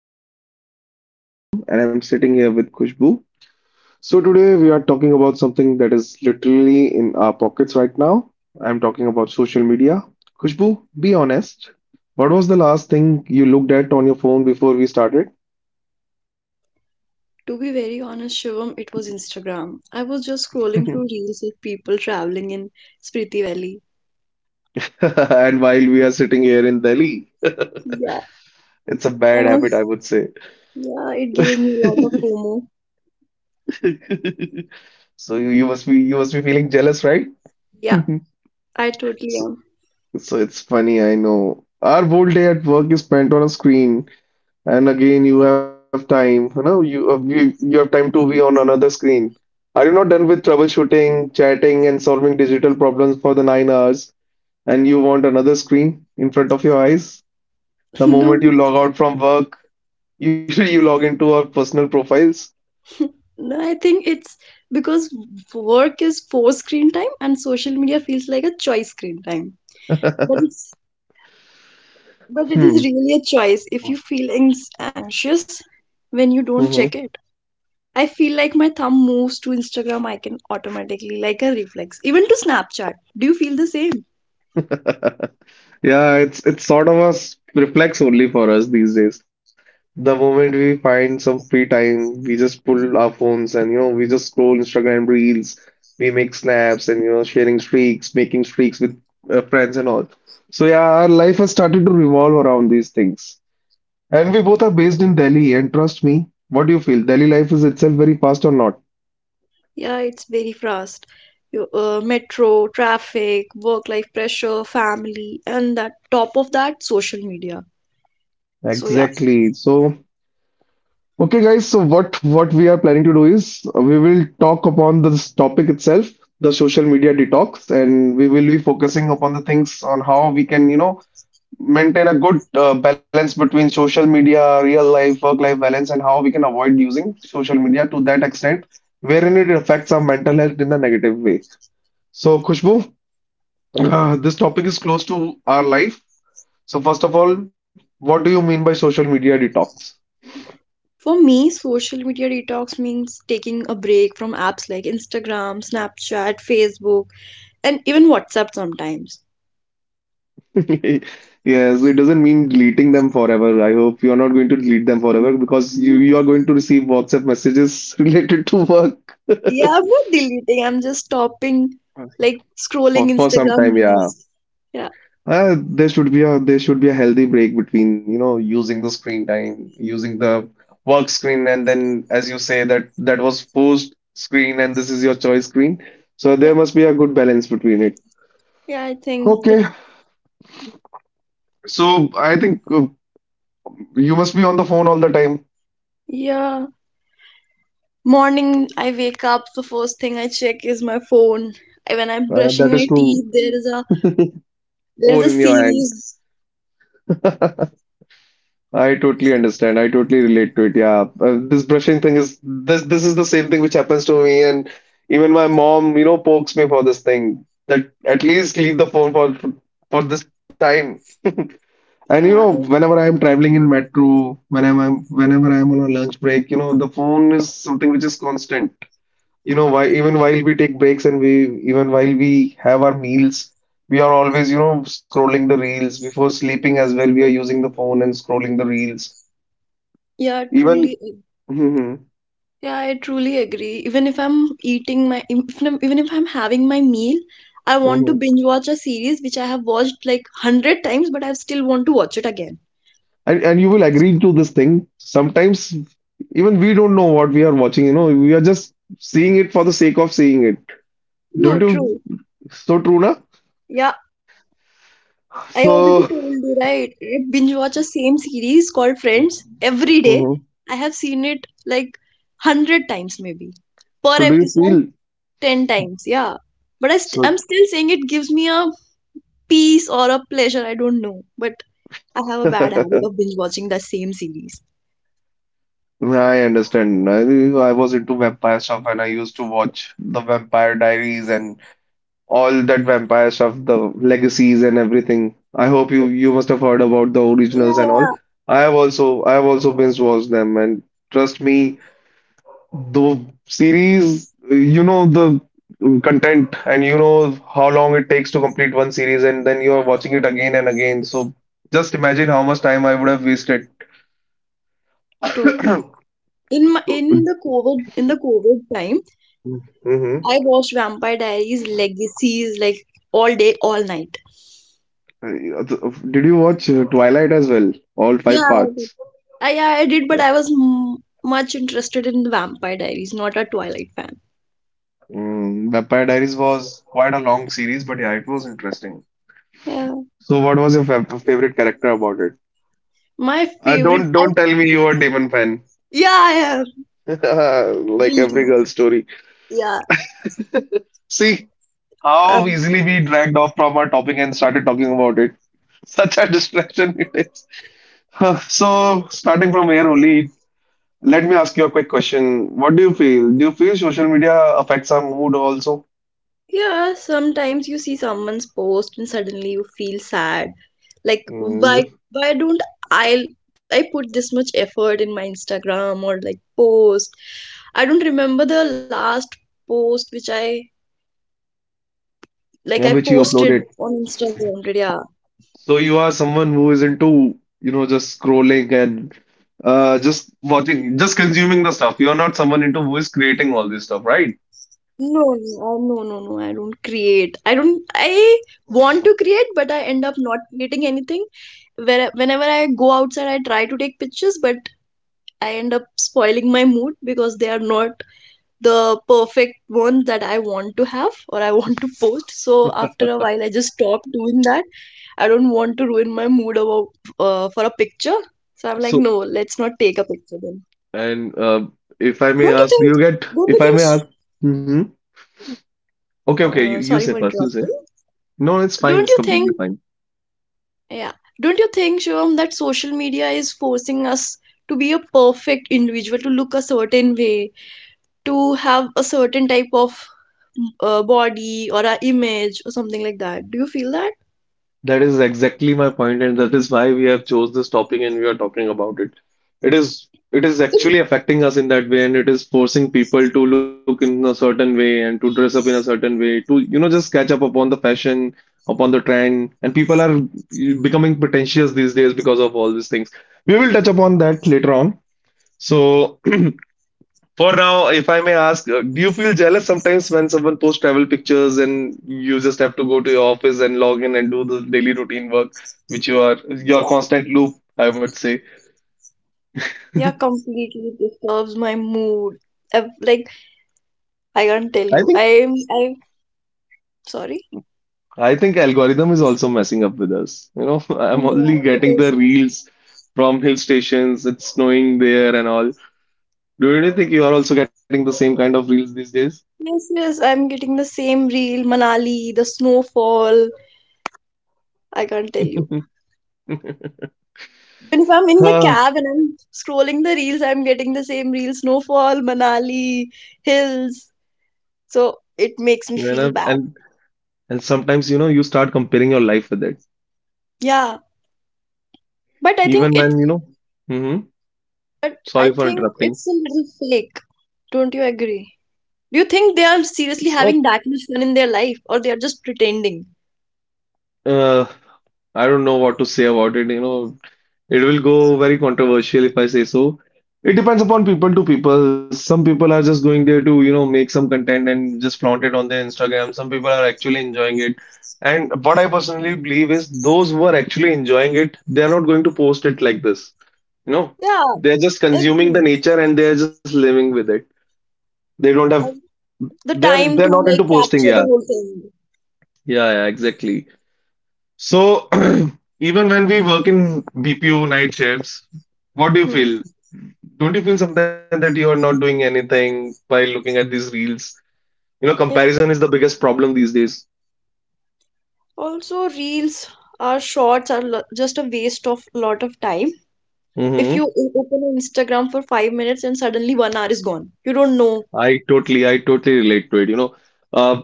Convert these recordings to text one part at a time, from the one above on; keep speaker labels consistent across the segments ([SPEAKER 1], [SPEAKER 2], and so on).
[SPEAKER 1] 2 is here. I am Shivam and I'm sitting here with Kushbu. So today we are talking about something that is literally in our pockets right now. I'm talking about social media. Kushbu, be honest. What was the last thing you looked at on your phone before we started?
[SPEAKER 2] To be very honest, Shivam, it was Instagram. I was just scrolling through reels of people traveling in Spriti Valley.
[SPEAKER 1] And while we are sitting here in Delhi,
[SPEAKER 2] Yeah,
[SPEAKER 1] it's a bad
[SPEAKER 2] um,
[SPEAKER 1] habit, I would say.
[SPEAKER 2] yeah, it gave me a lot of FOMO.
[SPEAKER 1] So you must be feeling jealous, right?
[SPEAKER 2] Yeah, I totally am.
[SPEAKER 1] So it's funny, I know. Our whole day at work is spent on a screen, and again, you have time. You know, you have time to be on another screen. Are you not done with troubleshooting, chatting, and solving digital problems for the 9 hours, and you want another screen in front of your eyes? The
[SPEAKER 2] No,
[SPEAKER 1] moment you log
[SPEAKER 2] because,
[SPEAKER 1] out from work, usually you log into our personal profiles.
[SPEAKER 2] no, I think it's because work is forced screen time and social media feels like a choice screen time. But it's but it is
[SPEAKER 1] Hmm.
[SPEAKER 2] really a choice if you feel anxious when you don't check
[SPEAKER 1] Mm-hmm.
[SPEAKER 2] it. I feel like my thumb moves to Instagram icon automatically, like a reflex. Even to Snapchat. Do you feel the same?
[SPEAKER 1] Yeah, it's sort of a reflex only for us these days. The moment we find some free time, we just pull our phones and you know we just scroll Instagram reels, we make snaps and you know sharing streaks, making streaks with friends and all. So yeah, our life has started to revolve around these things. And we both are based in Delhi, and trust me, what do you feel? Delhi life is itself very fast or not?
[SPEAKER 2] Yeah, it's very fast. Metro, traffic, work-life pressure, family, and that top of that, social media. So yeah,
[SPEAKER 1] Exactly. So okay, guys, so what we are planning to do is we will talk upon this topic itself, the social media detox, and we will be focusing upon the things on how we can, you know, maintain a good balance between social media, real life, work life balance, and how we can avoid using social media to that extent wherein it affects our mental health in a negative way. So, Khushbu, this topic is close to our life. So, first of all, what do you mean by social media detox?
[SPEAKER 2] for me, social media detox means taking a break from apps like Instagram, Snapchat, Facebook, and even WhatsApp sometimes.
[SPEAKER 1] Yes, it doesn't mean deleting them forever. I hope you're not going to delete them forever because you are going to receive WhatsApp messages related to work.
[SPEAKER 2] Yeah, I'm not deleting. I'm just stopping,
[SPEAKER 1] Oh, yeah.
[SPEAKER 2] like scrolling
[SPEAKER 1] For some
[SPEAKER 2] Instagram
[SPEAKER 1] time. Yeah,
[SPEAKER 2] reels. Yeah,
[SPEAKER 1] there should be a healthy break between you know using the screen time, using the work screen, and then as you say that that was forced screen and this is your choice screen. So there
[SPEAKER 2] yeah,
[SPEAKER 1] must be a good balance between it.
[SPEAKER 2] yeah. I think it.
[SPEAKER 1] Okay, so I think you must be on the phone all the time.
[SPEAKER 2] Yeah, morning I wake up. The first thing I check is my phone. When I'm brushing
[SPEAKER 1] That
[SPEAKER 2] my
[SPEAKER 1] is true.
[SPEAKER 2] teeth, there is a
[SPEAKER 1] More in your hand.
[SPEAKER 2] series.
[SPEAKER 1] I totally understand. I totally relate to it. Yeah, this brushing thing is this. This is the same thing which happens to me, and even my mom, you know, pokes me for this thing that at least leave the phone for this time. And you
[SPEAKER 2] Yeah,
[SPEAKER 1] know, whenever I'm traveling in metro, whenever I'm on a lunch break, you know, the phone is something which is constant. You know why, even while we take breaks and we even while we have our meals, we are always you know scrolling the reels, before sleeping as well we are using the phone and scrolling the reels
[SPEAKER 2] yeah, truly.
[SPEAKER 1] even. Hmm.
[SPEAKER 2] Yeah, I truly agree. Even if I'm having my meal, I want to
[SPEAKER 1] Hmm.
[SPEAKER 2] binge watch a series which I have watched like hundred times, but I still want to watch it again.
[SPEAKER 1] And you will agree to this thing sometimes, even we don't know what we are watching, you know we are just seeing it for the sake of seeing it.
[SPEAKER 2] True,
[SPEAKER 1] Don't you?
[SPEAKER 2] true.
[SPEAKER 1] So true na.
[SPEAKER 2] Yeah, I
[SPEAKER 1] So
[SPEAKER 2] already told you, right? I binge watch a same series called Friends every day.
[SPEAKER 1] Mhm.
[SPEAKER 2] I have seen it like 100 times, maybe. Per
[SPEAKER 1] So do you
[SPEAKER 2] episode,
[SPEAKER 1] feel?
[SPEAKER 2] 10 times, yeah. But I'm still saying it gives me a peace or a pleasure, I don't know. But I have a bad
[SPEAKER 1] So
[SPEAKER 2] habit of binge watching the same series.
[SPEAKER 1] yeah, I understand. I was into vampire stuff and I used to watch the Vampire Diaries and all that vampire stuff, the legacies and everything. I hope you must have heard about the
[SPEAKER 2] Yeah,
[SPEAKER 1] originals and
[SPEAKER 2] yeah,
[SPEAKER 1] all. I have also binge watched them and trust me, the series, you know the content and you know how long it takes to complete one series and then you are watching it again and again. So just imagine how much time I would have wasted.
[SPEAKER 2] totally. In my,
[SPEAKER 1] So,
[SPEAKER 2] in the COVID in the COVID time,
[SPEAKER 1] Mhm.
[SPEAKER 2] I watched Vampire Diaries, Legacies like all day, all night.
[SPEAKER 1] Uh, did you watch Twilight as well? All
[SPEAKER 2] Yeah,
[SPEAKER 1] five parts.
[SPEAKER 2] I did, but I was m much interested in the Vampire Diaries, not a Twilight fan.
[SPEAKER 1] Mm, Vampire Diaries was quite a long series, but yeah, it was interesting.
[SPEAKER 2] Yeah,
[SPEAKER 1] So, what was your favorite character about it?
[SPEAKER 2] my favorite.
[SPEAKER 1] Don't
[SPEAKER 2] I,
[SPEAKER 1] don't tell me you were Damon fan.
[SPEAKER 2] yeah, yeah,
[SPEAKER 1] Like every
[SPEAKER 2] guilty.
[SPEAKER 1] girl story.
[SPEAKER 2] Yeah,
[SPEAKER 1] See how easily
[SPEAKER 2] um,
[SPEAKER 1] we dragged off from our topic and started talking about it. Such a distraction it is. Huh, so, starting from here only, let me ask you a quick question. What do you feel? Do you feel social media affects our mood also?
[SPEAKER 2] yeah. Sometimes you see someone's post and suddenly you feel sad. Like,
[SPEAKER 1] Mm,
[SPEAKER 2] why? Why don't I? I put this much effort in my Instagram or like post. I don't remember the last post which I
[SPEAKER 1] yeah,
[SPEAKER 2] like.
[SPEAKER 1] which
[SPEAKER 2] I
[SPEAKER 1] you uploaded.
[SPEAKER 2] posted on Instagram. But yeah.
[SPEAKER 1] So you are someone who is into, you know, just scrolling and just watching, just consuming the stuff. You're not someone into who is creating all this stuff, right?
[SPEAKER 2] No. I don't create. I don't. I want to create, but I end up not creating anything. Where whenever I go outside, I try to take pictures, but I end up spoiling my mood because they are not the perfect ones that I want to have or I want to post. So after a while, I just stop doing that. I don't want to ruin my mood about for a picture. So I'm like,
[SPEAKER 1] So,
[SPEAKER 2] no, let's not take a picture then.
[SPEAKER 1] and if I may
[SPEAKER 2] Don't you
[SPEAKER 1] ask, do
[SPEAKER 2] think?
[SPEAKER 1] you get,
[SPEAKER 2] Don't you
[SPEAKER 1] if I
[SPEAKER 2] think?
[SPEAKER 1] may
[SPEAKER 2] S-
[SPEAKER 1] ask, hmm. Okay, okay, you, you
[SPEAKER 2] Sorry
[SPEAKER 1] say
[SPEAKER 2] for
[SPEAKER 1] first, you say.
[SPEAKER 2] interrupting.
[SPEAKER 1] No, it's fine, it's
[SPEAKER 2] Don't you
[SPEAKER 1] completely
[SPEAKER 2] think?
[SPEAKER 1] fine.
[SPEAKER 2] Yeah. Don't you think, Shivam, that social media is forcing us to be a perfect individual, to look a certain way, to have a certain type of body or a image or something like that? Do you feel that?
[SPEAKER 1] That is exactly my point, and that is why we have chose this topic and we are talking about it. It is actually affecting us in that way, and it is forcing people to look in a certain way and to dress up in a certain way, to you know just catch up upon the fashion, upon the trend, and people are becoming pretentious these days because of all these things. We will touch upon that later on. So for now, if I may ask, do you feel jealous sometimes when someone posts travel pictures and you just have to go to your office and log in and do the daily routine work, which you are your
[SPEAKER 2] Exactly.
[SPEAKER 1] constant loop, I would say.
[SPEAKER 2] Yeah, completely disturbs my mood. i like I can't tell
[SPEAKER 1] I
[SPEAKER 2] you.
[SPEAKER 1] think
[SPEAKER 2] I'm sorry.
[SPEAKER 1] I think algorithm is also
[SPEAKER 2] Listen.
[SPEAKER 1] messing up with us. You know, I'm
[SPEAKER 2] Yeah,
[SPEAKER 1] only
[SPEAKER 2] it
[SPEAKER 1] getting the
[SPEAKER 2] is.
[SPEAKER 1] reels from hill stations, it's snowing there and all. Do you really think you are also getting the same kind of reels these days?
[SPEAKER 2] Yes, yes, I'm getting the same reel, Manali, the snowfall. I can't tell you. Even if I'm in the cab and I'm scrolling the reels, I'm getting the same reels, snowfall, Manali, hills. So it
[SPEAKER 1] Ah, and
[SPEAKER 2] makes me
[SPEAKER 1] I'm-
[SPEAKER 2] feel
[SPEAKER 1] and
[SPEAKER 2] bad.
[SPEAKER 1] and sometimes you know you start comparing your life with it,
[SPEAKER 2] Yeah. But I think
[SPEAKER 1] even
[SPEAKER 2] it's
[SPEAKER 1] when you know. Hmm.
[SPEAKER 2] but I
[SPEAKER 1] Sorry for
[SPEAKER 2] think
[SPEAKER 1] interrupting.
[SPEAKER 2] it's a little fake. Don't you agree? Do you think they are
[SPEAKER 1] It's
[SPEAKER 2] seriously
[SPEAKER 1] not,
[SPEAKER 2] having that much fun in their life or they are just pretending?
[SPEAKER 1] uh, I don't know what to say about it. You know, it will go very controversial if I say so. It depends upon people to people. Some people are just going there to, you know, make some content and just flaunt it on their Instagram. Some people are actually enjoying it. And what I personally believe is those who are actually enjoying it, they're not going to post it like this. You know,
[SPEAKER 2] Yeah,
[SPEAKER 1] they're just consuming the
[SPEAKER 2] agree.
[SPEAKER 1] nature and they're just living with it. They don't have,
[SPEAKER 2] I- The
[SPEAKER 1] they're
[SPEAKER 2] time
[SPEAKER 1] they're
[SPEAKER 2] to
[SPEAKER 1] not into
[SPEAKER 2] like
[SPEAKER 1] posting.
[SPEAKER 2] capture
[SPEAKER 1] Yeah,
[SPEAKER 2] the whole thing.
[SPEAKER 1] yeah, yeah, exactly. So, even when we work in BPO night shifts, what do you
[SPEAKER 2] Hmm.
[SPEAKER 1] feel? Don't you feel sometimes that you are not doing anything by looking at these reels? You know,
[SPEAKER 2] Yeah.
[SPEAKER 1] comparison is the biggest problem these days.
[SPEAKER 2] Also, reels or shorts are just a waste of lot of time if you
[SPEAKER 1] Hmm.
[SPEAKER 2] open Instagram for 5 minutes and suddenly one hour is gone, you don't know.
[SPEAKER 1] I totally relate to it. You know, uh,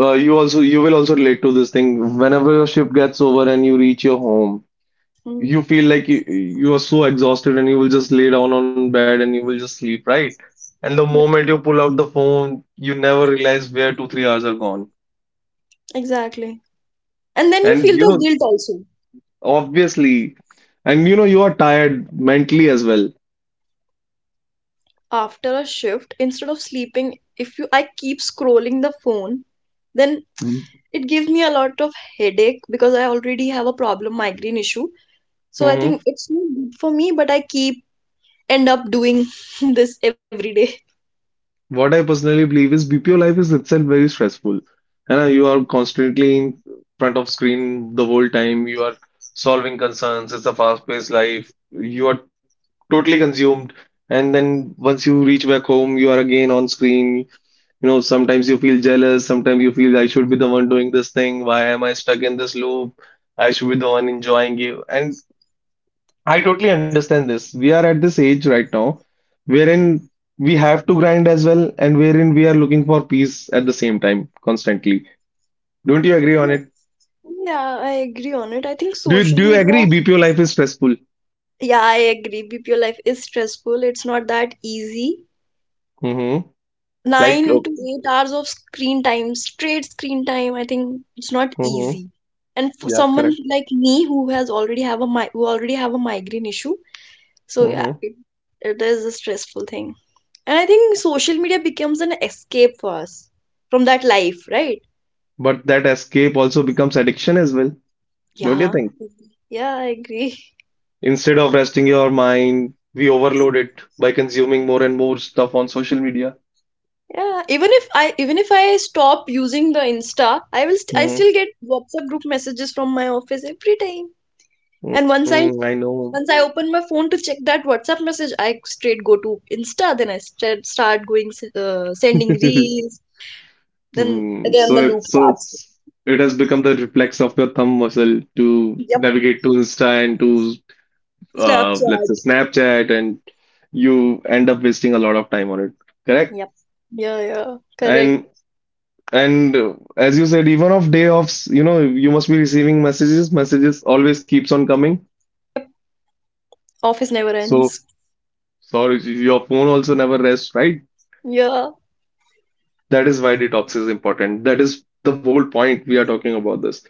[SPEAKER 1] you also, you will also relate to this thing. Whenever your shift gets over and you reach your home,
[SPEAKER 2] Hmm.
[SPEAKER 1] you feel like you are so exhausted and you will just lay down on bed and you will just sleep, right? And the
[SPEAKER 2] Yep,
[SPEAKER 1] moment you pull out the phone, you never realize where two, 3 hours are gone.
[SPEAKER 2] exactly. And then you
[SPEAKER 1] And
[SPEAKER 2] feel
[SPEAKER 1] you
[SPEAKER 2] the
[SPEAKER 1] know,
[SPEAKER 2] guilt also.
[SPEAKER 1] obviously, and you know, you are tired mentally as well.
[SPEAKER 2] After a shift, instead of sleeping, if you I keep scrolling the phone, then it gives me a lot of headache because I already have a problem migraine issue. So I
[SPEAKER 1] Mm-hmm.
[SPEAKER 2] think it's not good for me, but I keep end up doing this every day.
[SPEAKER 1] What I personally believe is BPO life is itself very stressful. You know, you are constantly in front of screen the whole time. You are solving concerns. It's a fast-paced life. You are totally consumed. And then once you reach back home, you are again on screen. You know, sometimes you feel jealous. Sometimes you feel I should be the one doing this thing. Why am I stuck in this loop? I should be the one enjoying it. And I totally understand this. We are at this age right now wherein we have to grind as well and wherein we are looking for peace at the same time constantly. Don't you agree
[SPEAKER 2] Yeah,
[SPEAKER 1] on it?
[SPEAKER 2] yeah, I agree on it. I think
[SPEAKER 1] Do
[SPEAKER 2] social
[SPEAKER 1] you, do you
[SPEAKER 2] media,
[SPEAKER 1] agree BPO life is stressful?
[SPEAKER 2] yeah, I agree. BPO life is stressful. It's not that easy.
[SPEAKER 1] Mm-hmm.
[SPEAKER 2] nine
[SPEAKER 1] Like,
[SPEAKER 2] to eight hours of screen time, straight screen time. I think it's not easy.
[SPEAKER 1] mm-hmm.
[SPEAKER 2] And for
[SPEAKER 1] Yeah,
[SPEAKER 2] someone
[SPEAKER 1] correct.
[SPEAKER 2] like me who already have a migraine issue, so yeah,
[SPEAKER 1] Mm-hmm.
[SPEAKER 2] it, it is a stressful thing. And I think social media becomes an escape for us from that life, right?
[SPEAKER 1] But that escape also becomes addiction as well.
[SPEAKER 2] Yeah,
[SPEAKER 1] Don't you think?
[SPEAKER 2] yeah, I agree.
[SPEAKER 1] Instead of resting your mind, we overload it by consuming more and more stuff on social media.
[SPEAKER 2] Yeah, even if I stop using the Insta, I will st I still get
[SPEAKER 1] Mm-hmm.
[SPEAKER 2] WhatsApp group messages from my office every time. And once I
[SPEAKER 1] Mm, I know.
[SPEAKER 2] Once I open my phone to check that WhatsApp message, I straight go to Insta. Then I start sending reels. Then
[SPEAKER 1] Hmm,
[SPEAKER 2] again
[SPEAKER 1] so
[SPEAKER 2] the loop
[SPEAKER 1] it's so
[SPEAKER 2] starts.
[SPEAKER 1] it's it has become the reflex of your thumb muscle to
[SPEAKER 2] Yep,
[SPEAKER 1] navigate to Insta and to let's
[SPEAKER 2] Snapchat.
[SPEAKER 1] say Snapchat, and you end up wasting a lot of time on it. Correct?
[SPEAKER 2] Yep. Yeah, yeah, correct.
[SPEAKER 1] And and as you said, even of day offs, you know, you must be receiving messages. Messages always keeps on coming.
[SPEAKER 2] Office never
[SPEAKER 1] So
[SPEAKER 2] ends.
[SPEAKER 1] sorry, your phone also never rests, right?
[SPEAKER 2] Yeah.
[SPEAKER 1] That is why detox is important. That is the whole point we are talking about this.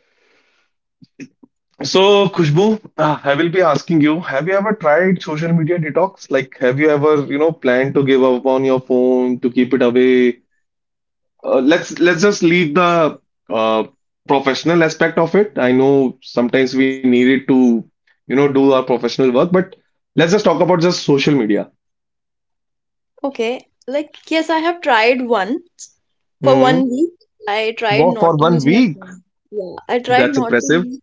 [SPEAKER 1] So, Kushbu, I will be asking you, have you ever tried social media detox? Like, have you ever, you know, planned to give up on your phone, to keep it away? Let's just leave the uh, professional aspect of it. I know sometimes we need it to, you know, do our professional work, but let's just talk about just social media.
[SPEAKER 2] Okay. Like yes, I have tried once for one
[SPEAKER 1] hmm
[SPEAKER 2] week. I tried
[SPEAKER 1] Well, for
[SPEAKER 2] not to
[SPEAKER 1] one
[SPEAKER 2] use my
[SPEAKER 1] week,
[SPEAKER 2] phone. Yeah, I tried
[SPEAKER 1] that's
[SPEAKER 2] not to
[SPEAKER 1] impressive.
[SPEAKER 2] use,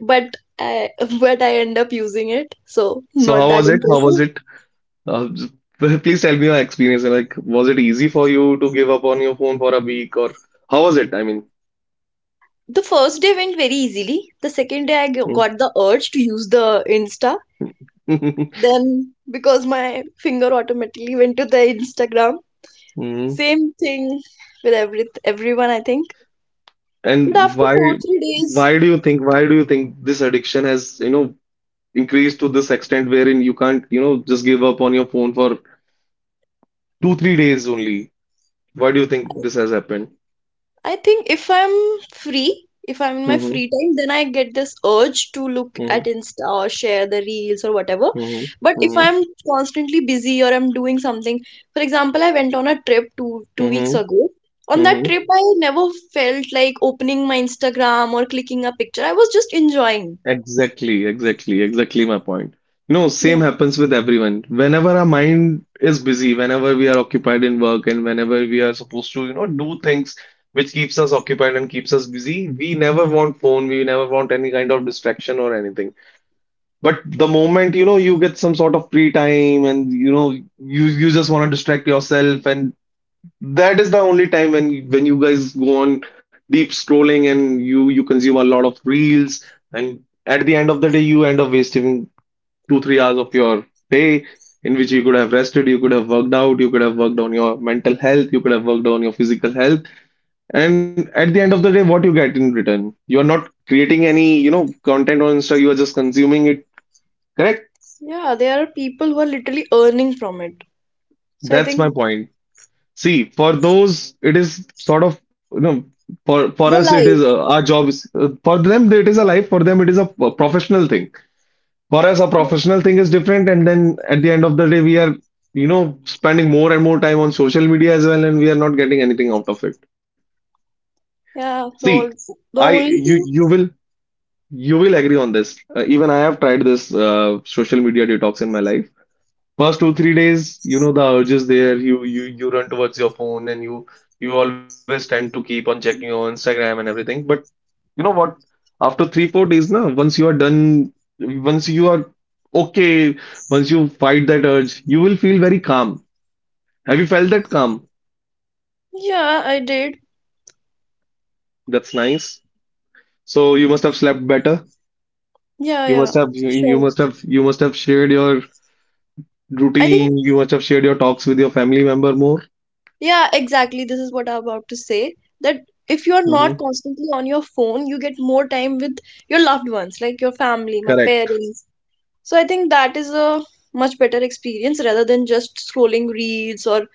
[SPEAKER 2] but I but I end up using it. So
[SPEAKER 1] So, how
[SPEAKER 2] not
[SPEAKER 1] was
[SPEAKER 2] that
[SPEAKER 1] it? How was
[SPEAKER 2] impressive.
[SPEAKER 1] it? Uh, just- please tell me your experience. Like, was it easy for you to give up on your phone for a week, or how was it? I mean,
[SPEAKER 2] The first day went very easily. The second day, got the urge to use the Insta. Then, because my finger automatically went to the Instagram,
[SPEAKER 1] Mhm.
[SPEAKER 2] same thing with everyone, I think. But after
[SPEAKER 1] And
[SPEAKER 2] four,
[SPEAKER 1] why
[SPEAKER 2] three
[SPEAKER 1] why do
[SPEAKER 2] days,
[SPEAKER 1] you think why do you think this addiction has, you know, increased to this extent wherein you can't, you know, just give up on your phone for two, three days only? Why do you think this has happened?
[SPEAKER 2] I think if I'm free, if I'm in my
[SPEAKER 1] Mm-hmm.
[SPEAKER 2] free time, then I get this urge to look at Insta or share the reels or whatever.
[SPEAKER 1] Mm-hmm.
[SPEAKER 2] But if
[SPEAKER 1] Mm-hmm.
[SPEAKER 2] I'm constantly busy or I'm doing something, for example, I went on a trip two weeks
[SPEAKER 1] Mm-hmm.
[SPEAKER 2] ago. On that trip, I never felt like opening my Instagram or clicking a picture. I was just enjoying.
[SPEAKER 1] Exactly, exactly, exactly my point. You know, same
[SPEAKER 2] Yes.
[SPEAKER 1] happens with everyone. Whenever our mind is busy, whenever we are occupied in work, and whenever we are supposed to, you know, do things which keeps us occupied and keeps us busy, we never want phone, we never want any kind of distraction or anything. But the moment, you know, you get some sort of free time and you know, you just want to distract yourself, and that is the only time when you guys go on deep scrolling and you consume a lot of reels, and at the end of the day you end up wasting 2 3 hours of your day, in which you could have rested, you could have worked out, you could have worked on your mental health, you could have worked on your physical health. And at the end of the day, what you get in return? You are not creating any, you know, content on Insta, you are just consuming it. Correct?
[SPEAKER 2] Yeah, there are people who are literally earning from it. So I
[SPEAKER 1] That's my
[SPEAKER 2] think
[SPEAKER 1] point. See, for those, it is sort of, you know, for us,
[SPEAKER 2] their
[SPEAKER 1] it is
[SPEAKER 2] life.
[SPEAKER 1] our job is for them, it is a life. For them, it is a professional thing. For us, a professional thing is different. And then at the end of the day, we are, you know, spending more and more time on social media as well, and we are not getting anything out of it.
[SPEAKER 2] Yeah,
[SPEAKER 1] See,
[SPEAKER 2] the all
[SPEAKER 1] I
[SPEAKER 2] the only
[SPEAKER 1] you
[SPEAKER 2] thing.
[SPEAKER 1] you will agree on this. Even I have tried this social media detox in my life. First 2, 3 days, you know, the urge is there. You run towards your phone, and you always tend to keep on checking your Instagram and everything. But you know what? After 3, 4 days, na, once you are done, once you are okay, once you fight that urge, you will feel very calm. Have you felt that calm?
[SPEAKER 2] Yeah, I did.
[SPEAKER 1] That's nice. So you must have slept better.
[SPEAKER 2] Yeah, yeah. Sure.
[SPEAKER 1] You must have shared your
[SPEAKER 2] I think,
[SPEAKER 1] routine. You must have shared your talks with your family member more.
[SPEAKER 2] yeah, exactly. This is what I'm about to say. That if you're
[SPEAKER 1] hmm
[SPEAKER 2] not constantly on your phone, you get more time with your loved ones, like your family, my
[SPEAKER 1] Correct.
[SPEAKER 2] parents. So I think that is a much better experience rather than just scrolling reels or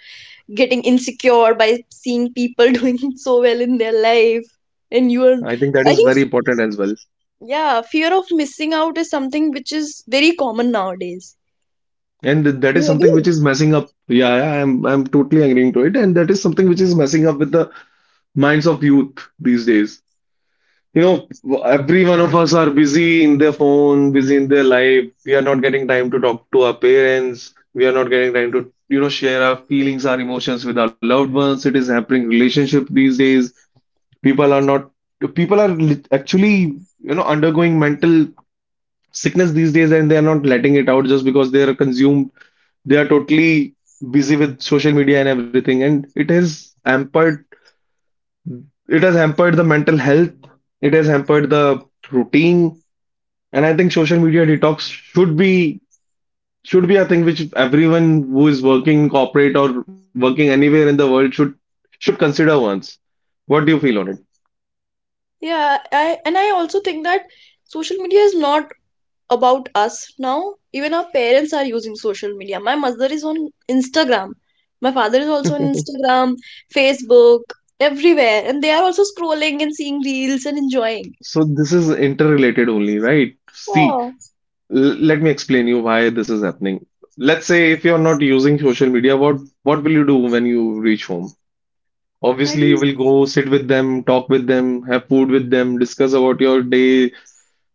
[SPEAKER 2] getting insecure by seeing people doing so well in their life. And you are,
[SPEAKER 1] I think that is
[SPEAKER 2] I
[SPEAKER 1] very
[SPEAKER 2] think,
[SPEAKER 1] important as well.
[SPEAKER 2] yeah, fear of missing out is something which is very common nowadays.
[SPEAKER 1] And that
[SPEAKER 2] Do
[SPEAKER 1] is
[SPEAKER 2] you
[SPEAKER 1] something which
[SPEAKER 2] agree?
[SPEAKER 1] is messing up. Yeah, yeah, I'm totally agreeing to it. And that is something which is messing up with the minds of youth these days. You know, every one of us are busy in their phone, busy in their life. We are not getting time to talk to our parents. We are not getting time to, you know, share our feelings, our emotions with our loved ones. It is hampering relationship these days. People are not, people are actually, you know, undergoing mental sickness these days, and they are not letting it out just because they are consumed they are totally busy with social media and everything, and it has hampered the mental health, it has hampered the routine, and I think social media detox should be a thing which everyone who is working in corporate or working anywhere in the world should consider once. What do you feel on it?
[SPEAKER 2] Yeah, I and I also think that social media is not about us now. Even our parents are using social media. My mother is on Instagram. My father is also on Instagram, Facebook, everywhere. And they are also scrolling and seeing reels and enjoying.
[SPEAKER 1] So this is interrelated only, right? See,
[SPEAKER 2] Oh,
[SPEAKER 1] let me explain you why this is happening. Let's say if you're not using social media, what will you do when you reach home?
[SPEAKER 2] I
[SPEAKER 1] Obviously, you
[SPEAKER 2] do.
[SPEAKER 1] will go sit with them, talk with them, have food with them, discuss about your day,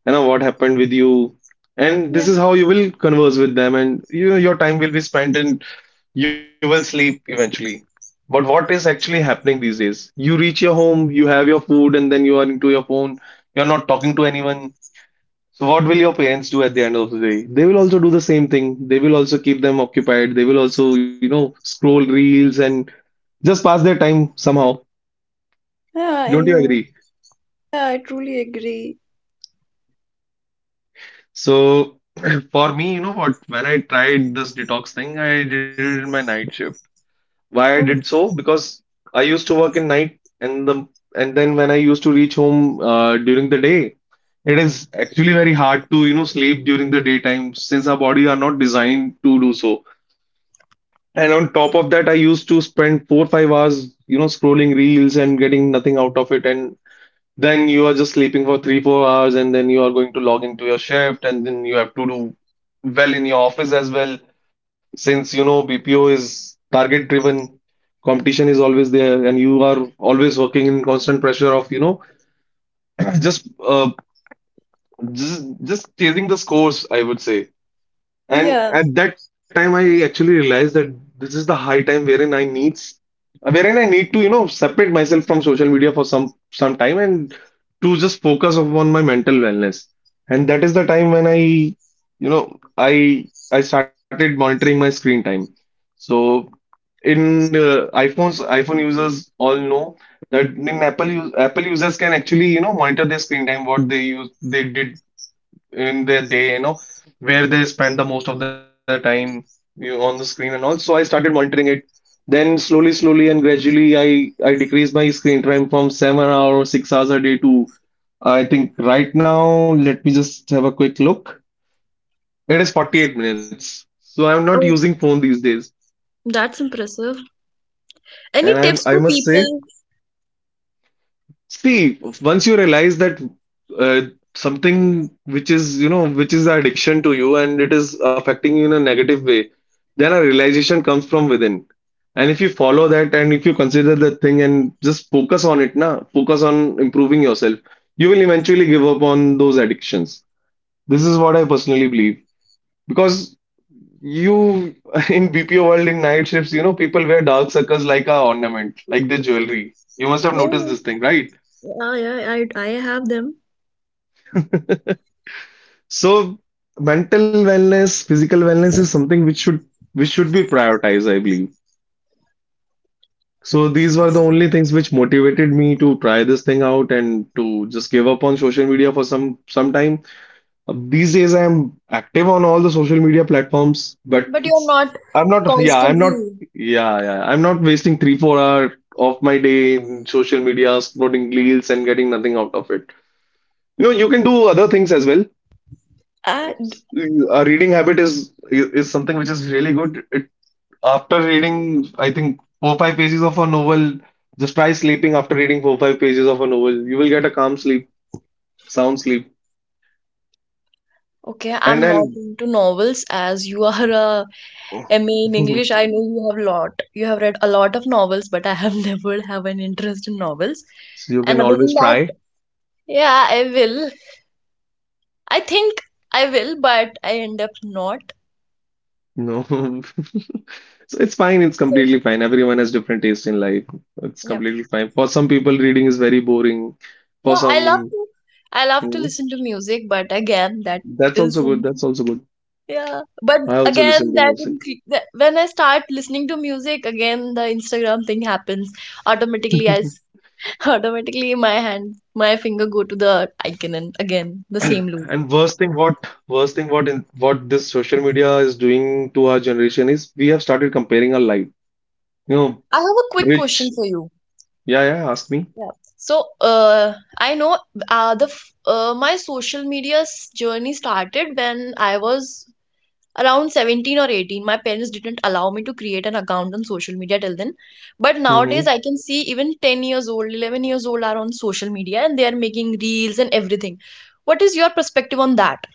[SPEAKER 1] you know, what happened with you. And
[SPEAKER 2] Yeah,
[SPEAKER 1] this is how you will converse with them, and you know, your time will be spent and you will sleep eventually. But what is actually happening these days? You reach your home, you have your food, and then you are into your phone. You're not talking to anyone. So what will your parents do at the end of the day? They will also do the same thing. They will also keep them occupied. They will also, you know, scroll reels and just pass their time somehow.
[SPEAKER 2] yeah, I
[SPEAKER 1] Don't you
[SPEAKER 2] know.
[SPEAKER 1] agree?
[SPEAKER 2] Yeah, I truly agree.
[SPEAKER 1] So for me, you know what, when I tried this detox thing, I did it in my night shift. Why I did
[SPEAKER 2] Oh,
[SPEAKER 1] so? Because I used to work in night, and then when I used to reach home during the day, it is actually very hard to, you know, sleep during the daytime since our body are not designed to do so. And on top of that, I used to spend 4, 5 hours, you know, scrolling reels and getting nothing out of it. And then you are just sleeping for 3, 4 hours, and then you are going to log into your shift, and then you have to do well in your office as well. Since you know BPO is target driven, competition is always there, and you are always working in constant pressure of you know just uh, just chasing the scores, I would say. And
[SPEAKER 2] yeah.
[SPEAKER 1] at that time, I actually realized that this is the high time wherein I need to, you know, separate myself from social media for some time and to just focus on my mental wellness. And that is the time when I, you know, I started monitoring my screen time. So in iPhones, iPhone users all know that in Apple users can actually, you know, monitor their screen time, what they use they did in their day, you know, where they spend the most of their time, you know, on the screen and all. So I started monitoring it. Then slowly, slowly and gradually, I decreased my screen time from 7 hours or 6 hours a day to I think right now. Let me just have a quick look. It is 48 minutes. So I'm not
[SPEAKER 2] Oh,
[SPEAKER 1] using phone these days,
[SPEAKER 2] that's impressive.
[SPEAKER 1] and
[SPEAKER 2] Any
[SPEAKER 1] I
[SPEAKER 2] tips for
[SPEAKER 1] must say
[SPEAKER 2] people?
[SPEAKER 1] See, once you realize that uh, something which is, you know, which is the addiction to you, and it is affecting you in a negative way, then a realization comes from within. And if you follow that and if you consider that thing and just focus on it, na, focus on improving yourself, you will eventually give up on those addictions. This is what I personally believe. Because you, in BPO world, in night shifts, you know, people wear dark circles like a ornament, like their jewelry. You must have noticed
[SPEAKER 2] Yeah,
[SPEAKER 1] this thing, right?
[SPEAKER 2] yeah, yeah, I have them.
[SPEAKER 1] So mental wellness, physical wellness is something which should be prioritized, I believe. So these were the only things which motivated me to try this thing out and to just give up on social media for some time. These days I am active on all the social media platforms, but
[SPEAKER 2] But you're
[SPEAKER 1] it's
[SPEAKER 2] not
[SPEAKER 1] I'm not
[SPEAKER 2] constantly.
[SPEAKER 1] yeah, yeah. I'm not wasting 3, 4 hour of my day in social media, scrolling reels and getting nothing out of it. You know, you can do other things as well.
[SPEAKER 2] I,
[SPEAKER 1] It's,
[SPEAKER 2] d-
[SPEAKER 1] a reading habit is something which is really good. It after reading, I think 4 5 pages of a novel, just try sleeping after reading 4 5 pages of a novel. You will get a calm sleep, sound sleep,
[SPEAKER 2] okay,
[SPEAKER 1] and
[SPEAKER 2] I'm
[SPEAKER 1] then
[SPEAKER 2] not into novels as you are a I mean, English, I know you have lot. You have read a lot of novels, but I have never have an interest in novels.
[SPEAKER 1] so you
[SPEAKER 2] And
[SPEAKER 1] can
[SPEAKER 2] other than
[SPEAKER 1] always
[SPEAKER 2] that,
[SPEAKER 1] try.
[SPEAKER 2] yeah, I will. I think I will, but I end up not.
[SPEAKER 1] No, so it's fine. It's
[SPEAKER 2] So
[SPEAKER 1] completely fine. Everyone has different taste in life. It's
[SPEAKER 2] yep.
[SPEAKER 1] completely fine. For some people, reading is very boring.
[SPEAKER 2] Yeah,
[SPEAKER 1] For
[SPEAKER 2] I love
[SPEAKER 1] some,
[SPEAKER 2] to. I love to
[SPEAKER 1] Mhm.
[SPEAKER 2] listen to music, but again, that
[SPEAKER 1] that's
[SPEAKER 2] is
[SPEAKER 1] also good. That's also good.
[SPEAKER 2] yeah. But
[SPEAKER 1] I also
[SPEAKER 2] again,
[SPEAKER 1] listen
[SPEAKER 2] that,
[SPEAKER 1] to music.
[SPEAKER 2] incre- that when I start listening to music, again the Instagram thing happens. Automatically, I s- automatically my hand, my finger go to the icon, and again the same loop.
[SPEAKER 1] And worst thing what this social media is doing to our generation is we have started comparing our life. You know,
[SPEAKER 2] I have a quick
[SPEAKER 1] rich.
[SPEAKER 2] question for you.
[SPEAKER 1] Yeah, yeah, ask me.
[SPEAKER 2] Yeah. So, I know the f- my social media's journey started when I was around 17 or 18. My parents didn't allow me to create an account on social media till then. But nowadays,
[SPEAKER 1] Mm-hmm.
[SPEAKER 2] I can see even 10 years old, 11 years old are on social media and they are making reels and everything. What is your perspective on that?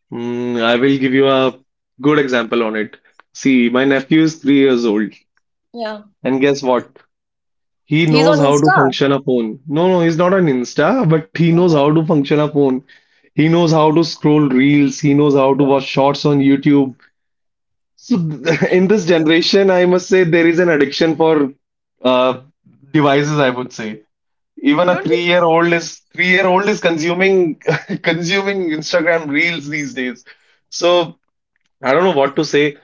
[SPEAKER 1] Mm, I will give you a good example on it. See, my nephew is 3 years old,
[SPEAKER 2] Yeah.
[SPEAKER 1] and guess what? He
[SPEAKER 2] He's
[SPEAKER 1] knows
[SPEAKER 2] on
[SPEAKER 1] how to
[SPEAKER 2] Insta.
[SPEAKER 1] function a phone. No, no, he's not an Insta, but he knows how to function a phone. He knows how to scroll reels. He knows how to
[SPEAKER 2] Okay.
[SPEAKER 1] watch shorts on YouTube. So in this generation, I must say there is an addiction for uh, devices, I would say. Even a
[SPEAKER 2] Don't you
[SPEAKER 1] three-year-old is consuming consuming Instagram reels these days. So I don't know what to say.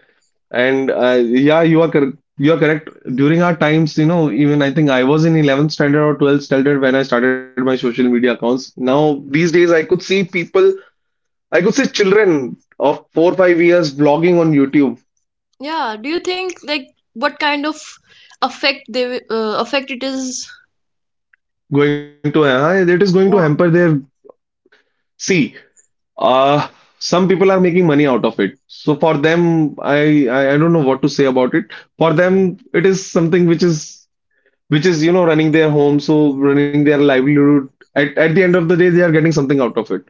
[SPEAKER 1] And yeah, you are correct. During our times, even I think I was in 11th standard or 12th standard when I started my social media accounts. Now these days, I could see people, I could see children of 4 5 years vlogging on YouTube
[SPEAKER 2] Yeah, do you think like what kind of effect it is?
[SPEAKER 1] going to it is going to hamper
[SPEAKER 2] Yeah.
[SPEAKER 1] their. See, uh some people are making money out of it, so for them, I don't know what to say about it. For them, it is something which is, which is, you know, running their home, so running their livelihood. At the end of the day, they are getting something out of it,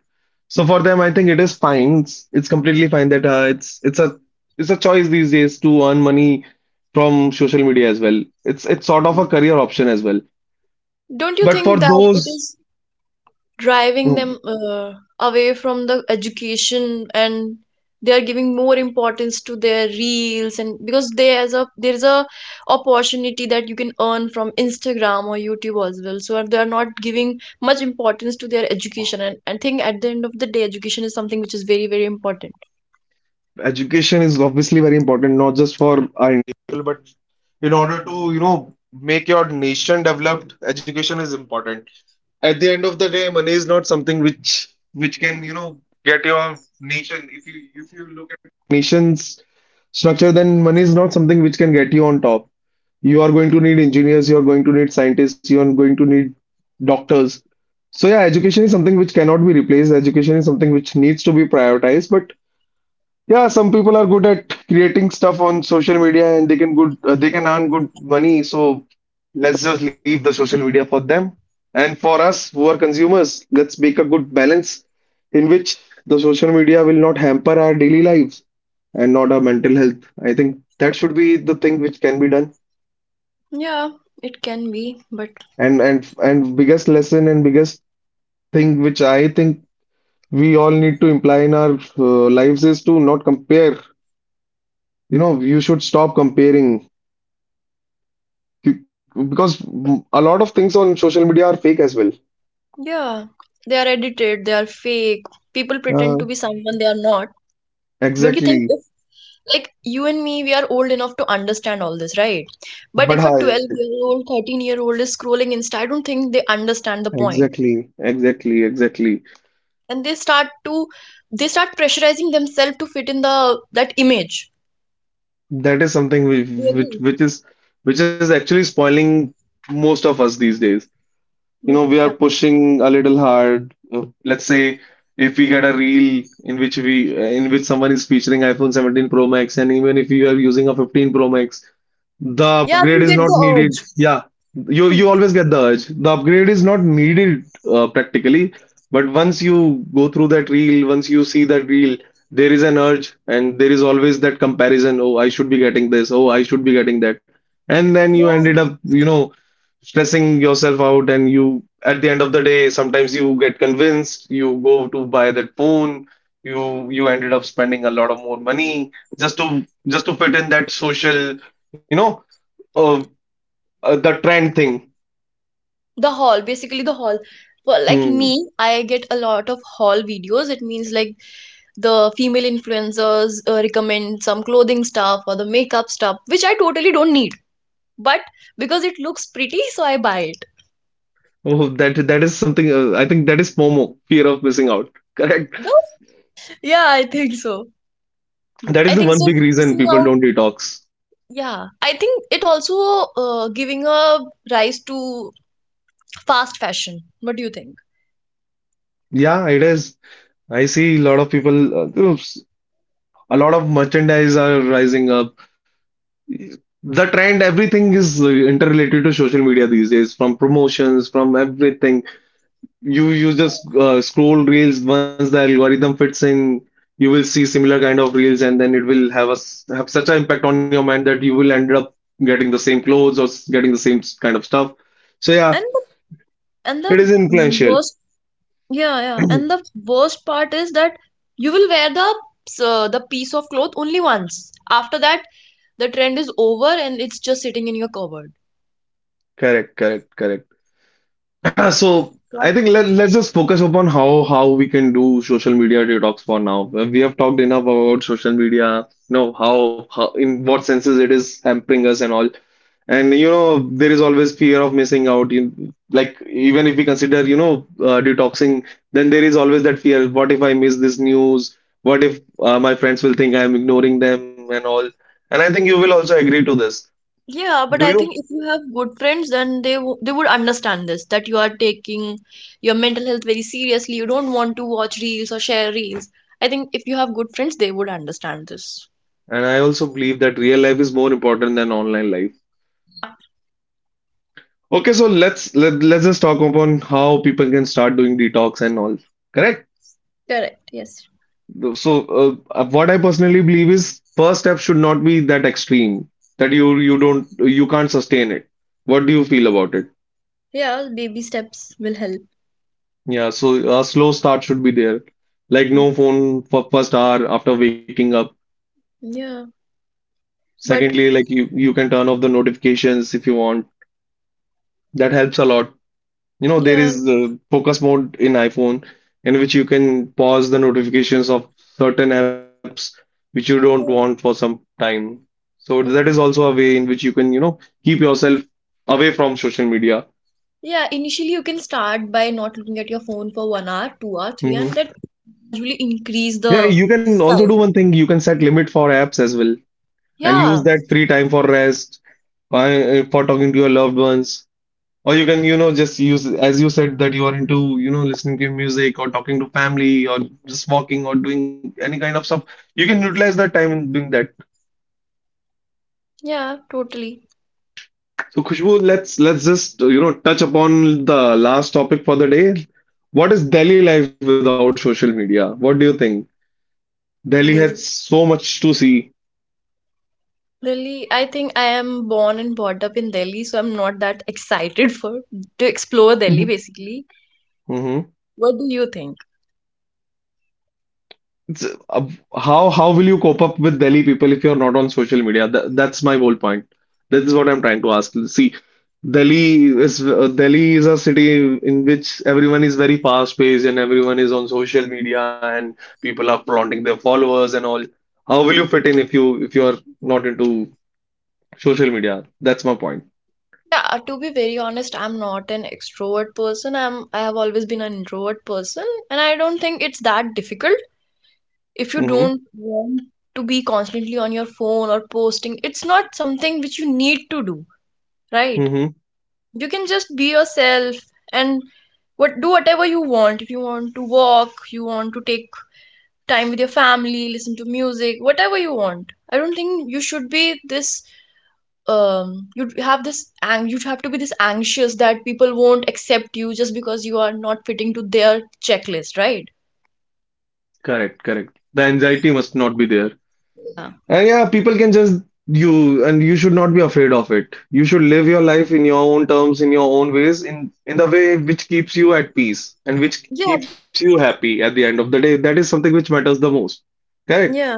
[SPEAKER 1] so for them I think it is fine. It's completely fine that it's a choice these days to earn money from social media as well. It's sort of a career option as well, but
[SPEAKER 2] Don't you
[SPEAKER 1] for
[SPEAKER 2] think that
[SPEAKER 1] those.
[SPEAKER 2] it is
[SPEAKER 1] No.
[SPEAKER 2] driving them away from the education and they are giving more importance to their reels and because there is a opportunity that you can earn from Instagram or YouTube as well. So they are not giving much importance to their education and I think at the end of the day education is something which is very very important.
[SPEAKER 1] Education is obviously very important, not just for our individual, but in order to, you know, make your nation developed, education is important. At the end of the day, money is not something which can, you know, get your nation. If you look at nations structure, then money is not something which can get you on top. You are going to need engineers, you are going to need scientists, you are going to need doctors. So yeah, education is something which cannot be replaced. Education is something which needs to be prioritized, but yeah, some people are good at creating stuff on social media and they can good they can earn good money. So let's just leave the social media for them. And for us who are consumers, let's make a good balance in which the social media will not hamper our daily lives and not our mental health. I think that should be the thing which can be done.
[SPEAKER 2] Yeah, it can be, but
[SPEAKER 1] And biggest lesson and biggest thing which I think we all need to imply in our lives is to not compare. You know, you should stop comparing because a lot of things on social media are fake as well.
[SPEAKER 2] yeah, they are edited, they are fake. People pretend to
[SPEAKER 1] Uh,
[SPEAKER 2] be someone they are not. Don't you think
[SPEAKER 1] exactly.
[SPEAKER 2] if like you and me, we are old enough to understand all this, right? But if a
[SPEAKER 1] But hi,
[SPEAKER 2] 12-year-old, 13-year-old is scrolling Insta, I don't think they understand the point.
[SPEAKER 1] exactly, exactly, exactly.
[SPEAKER 2] And they start pressurizing themselves to fit in the that image.
[SPEAKER 1] That is something
[SPEAKER 2] Do you agree?
[SPEAKER 1] which which is which is actually spoiling most of us these days. You
[SPEAKER 2] Mm,
[SPEAKER 1] know, we are
[SPEAKER 2] yeah,
[SPEAKER 1] pushing a little hard. Let's say if we get a reel in which someone is featuring iPhone 17 Pro Max, and even if you are using a 15 Pro Max. The
[SPEAKER 2] yeah,
[SPEAKER 1] upgrade
[SPEAKER 2] we
[SPEAKER 1] is
[SPEAKER 2] get
[SPEAKER 1] not
[SPEAKER 2] the
[SPEAKER 1] needed.
[SPEAKER 2] urge.
[SPEAKER 1] Yeah, you
[SPEAKER 2] Hmm.
[SPEAKER 1] always get the urge. The upgrade is not needed practically, but once you go through that reel, once you see that reel, there is an urge, and there is always that comparison. Oh, I should be getting this. Oh, I should be getting that. And then you
[SPEAKER 2] Yeah.
[SPEAKER 1] ended up, you know, stressing yourself out, and you at the end of the day, sometimes you get convinced. You go to buy that phone. You ended up spending a lot of more money just to fit in that social, you know oh, the trend thing.
[SPEAKER 2] The haul, basically the haul. Well, like
[SPEAKER 1] Hmm.
[SPEAKER 2] me, I get a lot of haul videos. It means like the female influencers recommend some clothing stuff or the makeup stuff which I totally don't need, but because it looks pretty, so I buy it,
[SPEAKER 1] Oh, that is something. I think that is FOMO, fear of missing out. Correct.
[SPEAKER 2] no? Yeah, I think so.
[SPEAKER 1] That
[SPEAKER 2] I
[SPEAKER 1] is the
[SPEAKER 2] think
[SPEAKER 1] one
[SPEAKER 2] so,
[SPEAKER 1] big reason
[SPEAKER 2] missing
[SPEAKER 1] people
[SPEAKER 2] out.
[SPEAKER 1] don't detox.
[SPEAKER 2] Yeah, I think it also giving a rise to fast fashion. What do you think?
[SPEAKER 1] Yeah, it is. I see a lot of people. Oops, a lot of merchandise are rising up. The trend, everything is interrelated to social media these days, from promotions, from everything. You just scroll reels once the algorithm fits in, you will see similar kind of reels, and then it will have have such an impact on your mind that you will end up getting the same clothes or getting the same kind of stuff. So
[SPEAKER 2] and
[SPEAKER 1] yeah,
[SPEAKER 2] the- and
[SPEAKER 1] it
[SPEAKER 2] the
[SPEAKER 1] is influential.
[SPEAKER 2] worst Yeah, yeah. And the worst part is that you will wear the piece of cloth only once. After that, the trend is over and it's just sitting in your cupboard.
[SPEAKER 1] Correct, correct, correct. Yeah, so I
[SPEAKER 2] What?
[SPEAKER 1] think let's just focus upon how we can do social media detox for now. We have talked enough about social media, you know, how in what senses it is hampering us and all. And you know, there is always fear of missing out. You, like even if we consider, you know, detoxing, then there is always that fear. What if I miss this news? What if my friends will think I'm ignoring them and all? And I think you will also agree to this.
[SPEAKER 2] Yeah, but
[SPEAKER 1] Do
[SPEAKER 2] I
[SPEAKER 1] you?
[SPEAKER 2] think if you have good friends, then they would understand this, that you are taking your mental health very seriously. You don't want to watch reels or share reels. I think if you have good friends, they would understand this.
[SPEAKER 1] And I also believe that real life is more important than online life. Okay, so let's just talk upon how people can start doing detox and all. Correct?
[SPEAKER 2] Correct, yes.
[SPEAKER 1] So what I personally believe is first step should not be that extreme that you can't sustain it. What do you feel about it?
[SPEAKER 2] Yeah, baby steps will help.
[SPEAKER 1] Yeah, so a slow start should be there. Like
[SPEAKER 2] Yep.
[SPEAKER 1] no phone for first hour after waking up.
[SPEAKER 2] Yeah, but
[SPEAKER 1] Secondly, like you can turn off the notifications if you want. That helps a lot. You know, there
[SPEAKER 2] yeah,
[SPEAKER 1] is focus mode in iPhone in which you can pause the notifications of certain apps which you don't want for
[SPEAKER 2] so,
[SPEAKER 1] some time. So that is
[SPEAKER 2] okay.
[SPEAKER 1] also a way in which you can, you know, keep yourself away from social media.
[SPEAKER 2] Yeah, initially you can start by not looking at your phone for 1 hour, 2 hour, 3 hour,
[SPEAKER 1] Hmm.
[SPEAKER 2] and that usually increase
[SPEAKER 1] Yeah,
[SPEAKER 2] the
[SPEAKER 1] you can also do
[SPEAKER 2] time.
[SPEAKER 1] one thing. You can set limit for apps as well and use
[SPEAKER 2] Yeah,
[SPEAKER 1] that free time for rest, for talking to your loved ones. Or you can, you know, just use, as you said, that you are into, you know, listening to music or talking to family or just walking or doing any kind of stuff. You can utilize that time in doing that.
[SPEAKER 2] yeah, totally.
[SPEAKER 1] So, Khushbu, let's just, you know, touch upon the last topic for the day. What is Delhi life without social media? What do you think? Delhi has
[SPEAKER 2] Delhi.
[SPEAKER 1] so much to see.
[SPEAKER 2] Delhi, I think I am born and brought up in Delhi, so I'm not that excited for to explore Delhi basically.
[SPEAKER 1] Mhm.
[SPEAKER 2] What do you think?
[SPEAKER 1] It's, uh, how will you cope up with Delhi people if you're not on social media? That's my whole point. This is what I'm trying to ask. See, Delhi is a city in which everyone is very fast paced and everyone is on social media and people are flaunting their followers and all. How will you fit in if you're not into social media? That's my point.
[SPEAKER 2] Yeah, to be very honest, I'm not an extrovert person. I have always been an introvert person, and I don't think it's that difficult if you
[SPEAKER 1] Mm-hmm.
[SPEAKER 2] don't want to be constantly on your phone or posting. It's not something which you need to do, right?
[SPEAKER 1] Mm-hmm.
[SPEAKER 2] You can just be yourself and what do whatever you want. If you want to walk, you want to take time with your family, listen to music, whatever you want. I don't think you should be this you have this ang you have to be this anxious that people won't accept you just because you are not fitting to their checklist, right?
[SPEAKER 1] Correct, correct. The anxiety must not be there.
[SPEAKER 2] Yeah.
[SPEAKER 1] And yeah, people can just you and you should not be afraid of it. You should live your life in your own terms, in your own ways, in the way which keeps you at peace and which
[SPEAKER 2] Yeah.
[SPEAKER 1] keeps you happy at the end of the day. That is something which matters the most. Correct.
[SPEAKER 2] Yeah,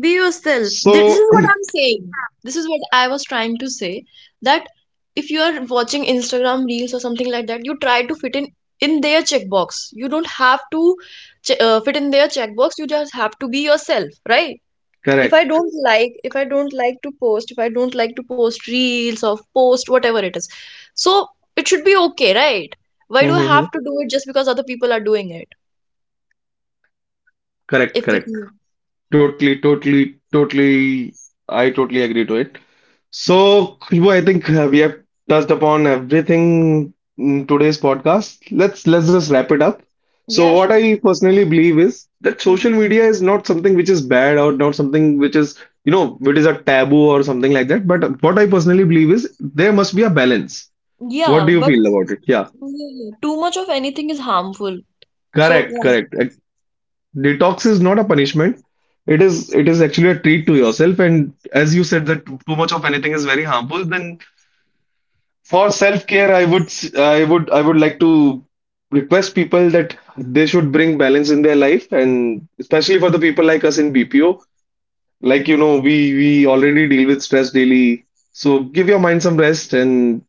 [SPEAKER 2] be yourself. This
[SPEAKER 1] So
[SPEAKER 2] is what I'm saying. This is what I was trying to say, that if you are watching Instagram reels or something like that, you try to fit in their checkbox. You don't have to fit in their checkbox. You just have to be yourself, right?
[SPEAKER 1] correct.
[SPEAKER 2] If I don't like to post, if I don't like to post reels or post whatever it is, so it should be okay, right? Why do I have to
[SPEAKER 1] Hmm.
[SPEAKER 2] do it just because other people are doing it? If it,
[SPEAKER 1] Correct, correct.
[SPEAKER 2] yeah,
[SPEAKER 1] Totally, totally, totally. I totally agree to it. So, Khushbu, I think we have touched upon everything in today's podcast. Let's just wrap it up. So,
[SPEAKER 2] yeah,
[SPEAKER 1] what
[SPEAKER 2] sure.
[SPEAKER 1] I personally believe is that
[SPEAKER 2] Hmm.
[SPEAKER 1] social media is not something which is bad or not something which is, you know, it is a taboo or something like that. But what I personally believe is there must be a balance. What
[SPEAKER 2] Yeah,
[SPEAKER 1] do you
[SPEAKER 2] but
[SPEAKER 1] feel about it? Yeah,
[SPEAKER 2] yeah, yeah. Too much of anything is harmful. So
[SPEAKER 1] correct,
[SPEAKER 2] yeah,
[SPEAKER 1] correct. Detox is not a punishment. It is actually a treat to yourself. And as you said that too much of anything is very harmful, then for self-care, I would s- I would like to request people that they should bring balance in their life and especially for the people like us in BPO, like you know, we already deal with stress daily. So give your mind some rest and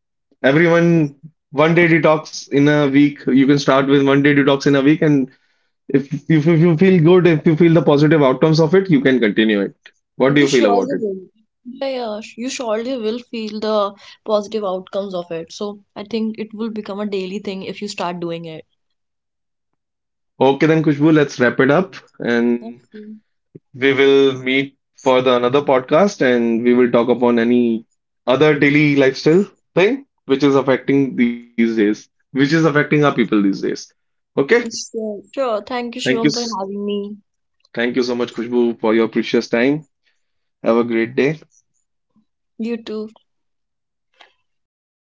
[SPEAKER 1] everyone one day detox in a week. You can start with one day detox in a week and if you feel good, if you feel the positive outcomes of it, you can continue it. What do
[SPEAKER 2] you
[SPEAKER 1] you feel about
[SPEAKER 2] surely
[SPEAKER 1] it?
[SPEAKER 2] will. Yeah, you surely will feel the positive outcomes of it. So I think it will become a daily thing if you start doing it.
[SPEAKER 1] Okay then, Kushbu, let's wrap it up and
[SPEAKER 2] That's—
[SPEAKER 1] we will meet for the another podcast and we will talk upon any other daily lifestyle thing which is affecting these days, which is affecting our people these days. Okay.
[SPEAKER 2] Sure. Sure. Thank you,
[SPEAKER 1] Thank you.
[SPEAKER 2] Shivam, for having me.
[SPEAKER 1] Thank you so much, Khushbu, for your precious time. Have a great day.
[SPEAKER 2] You too.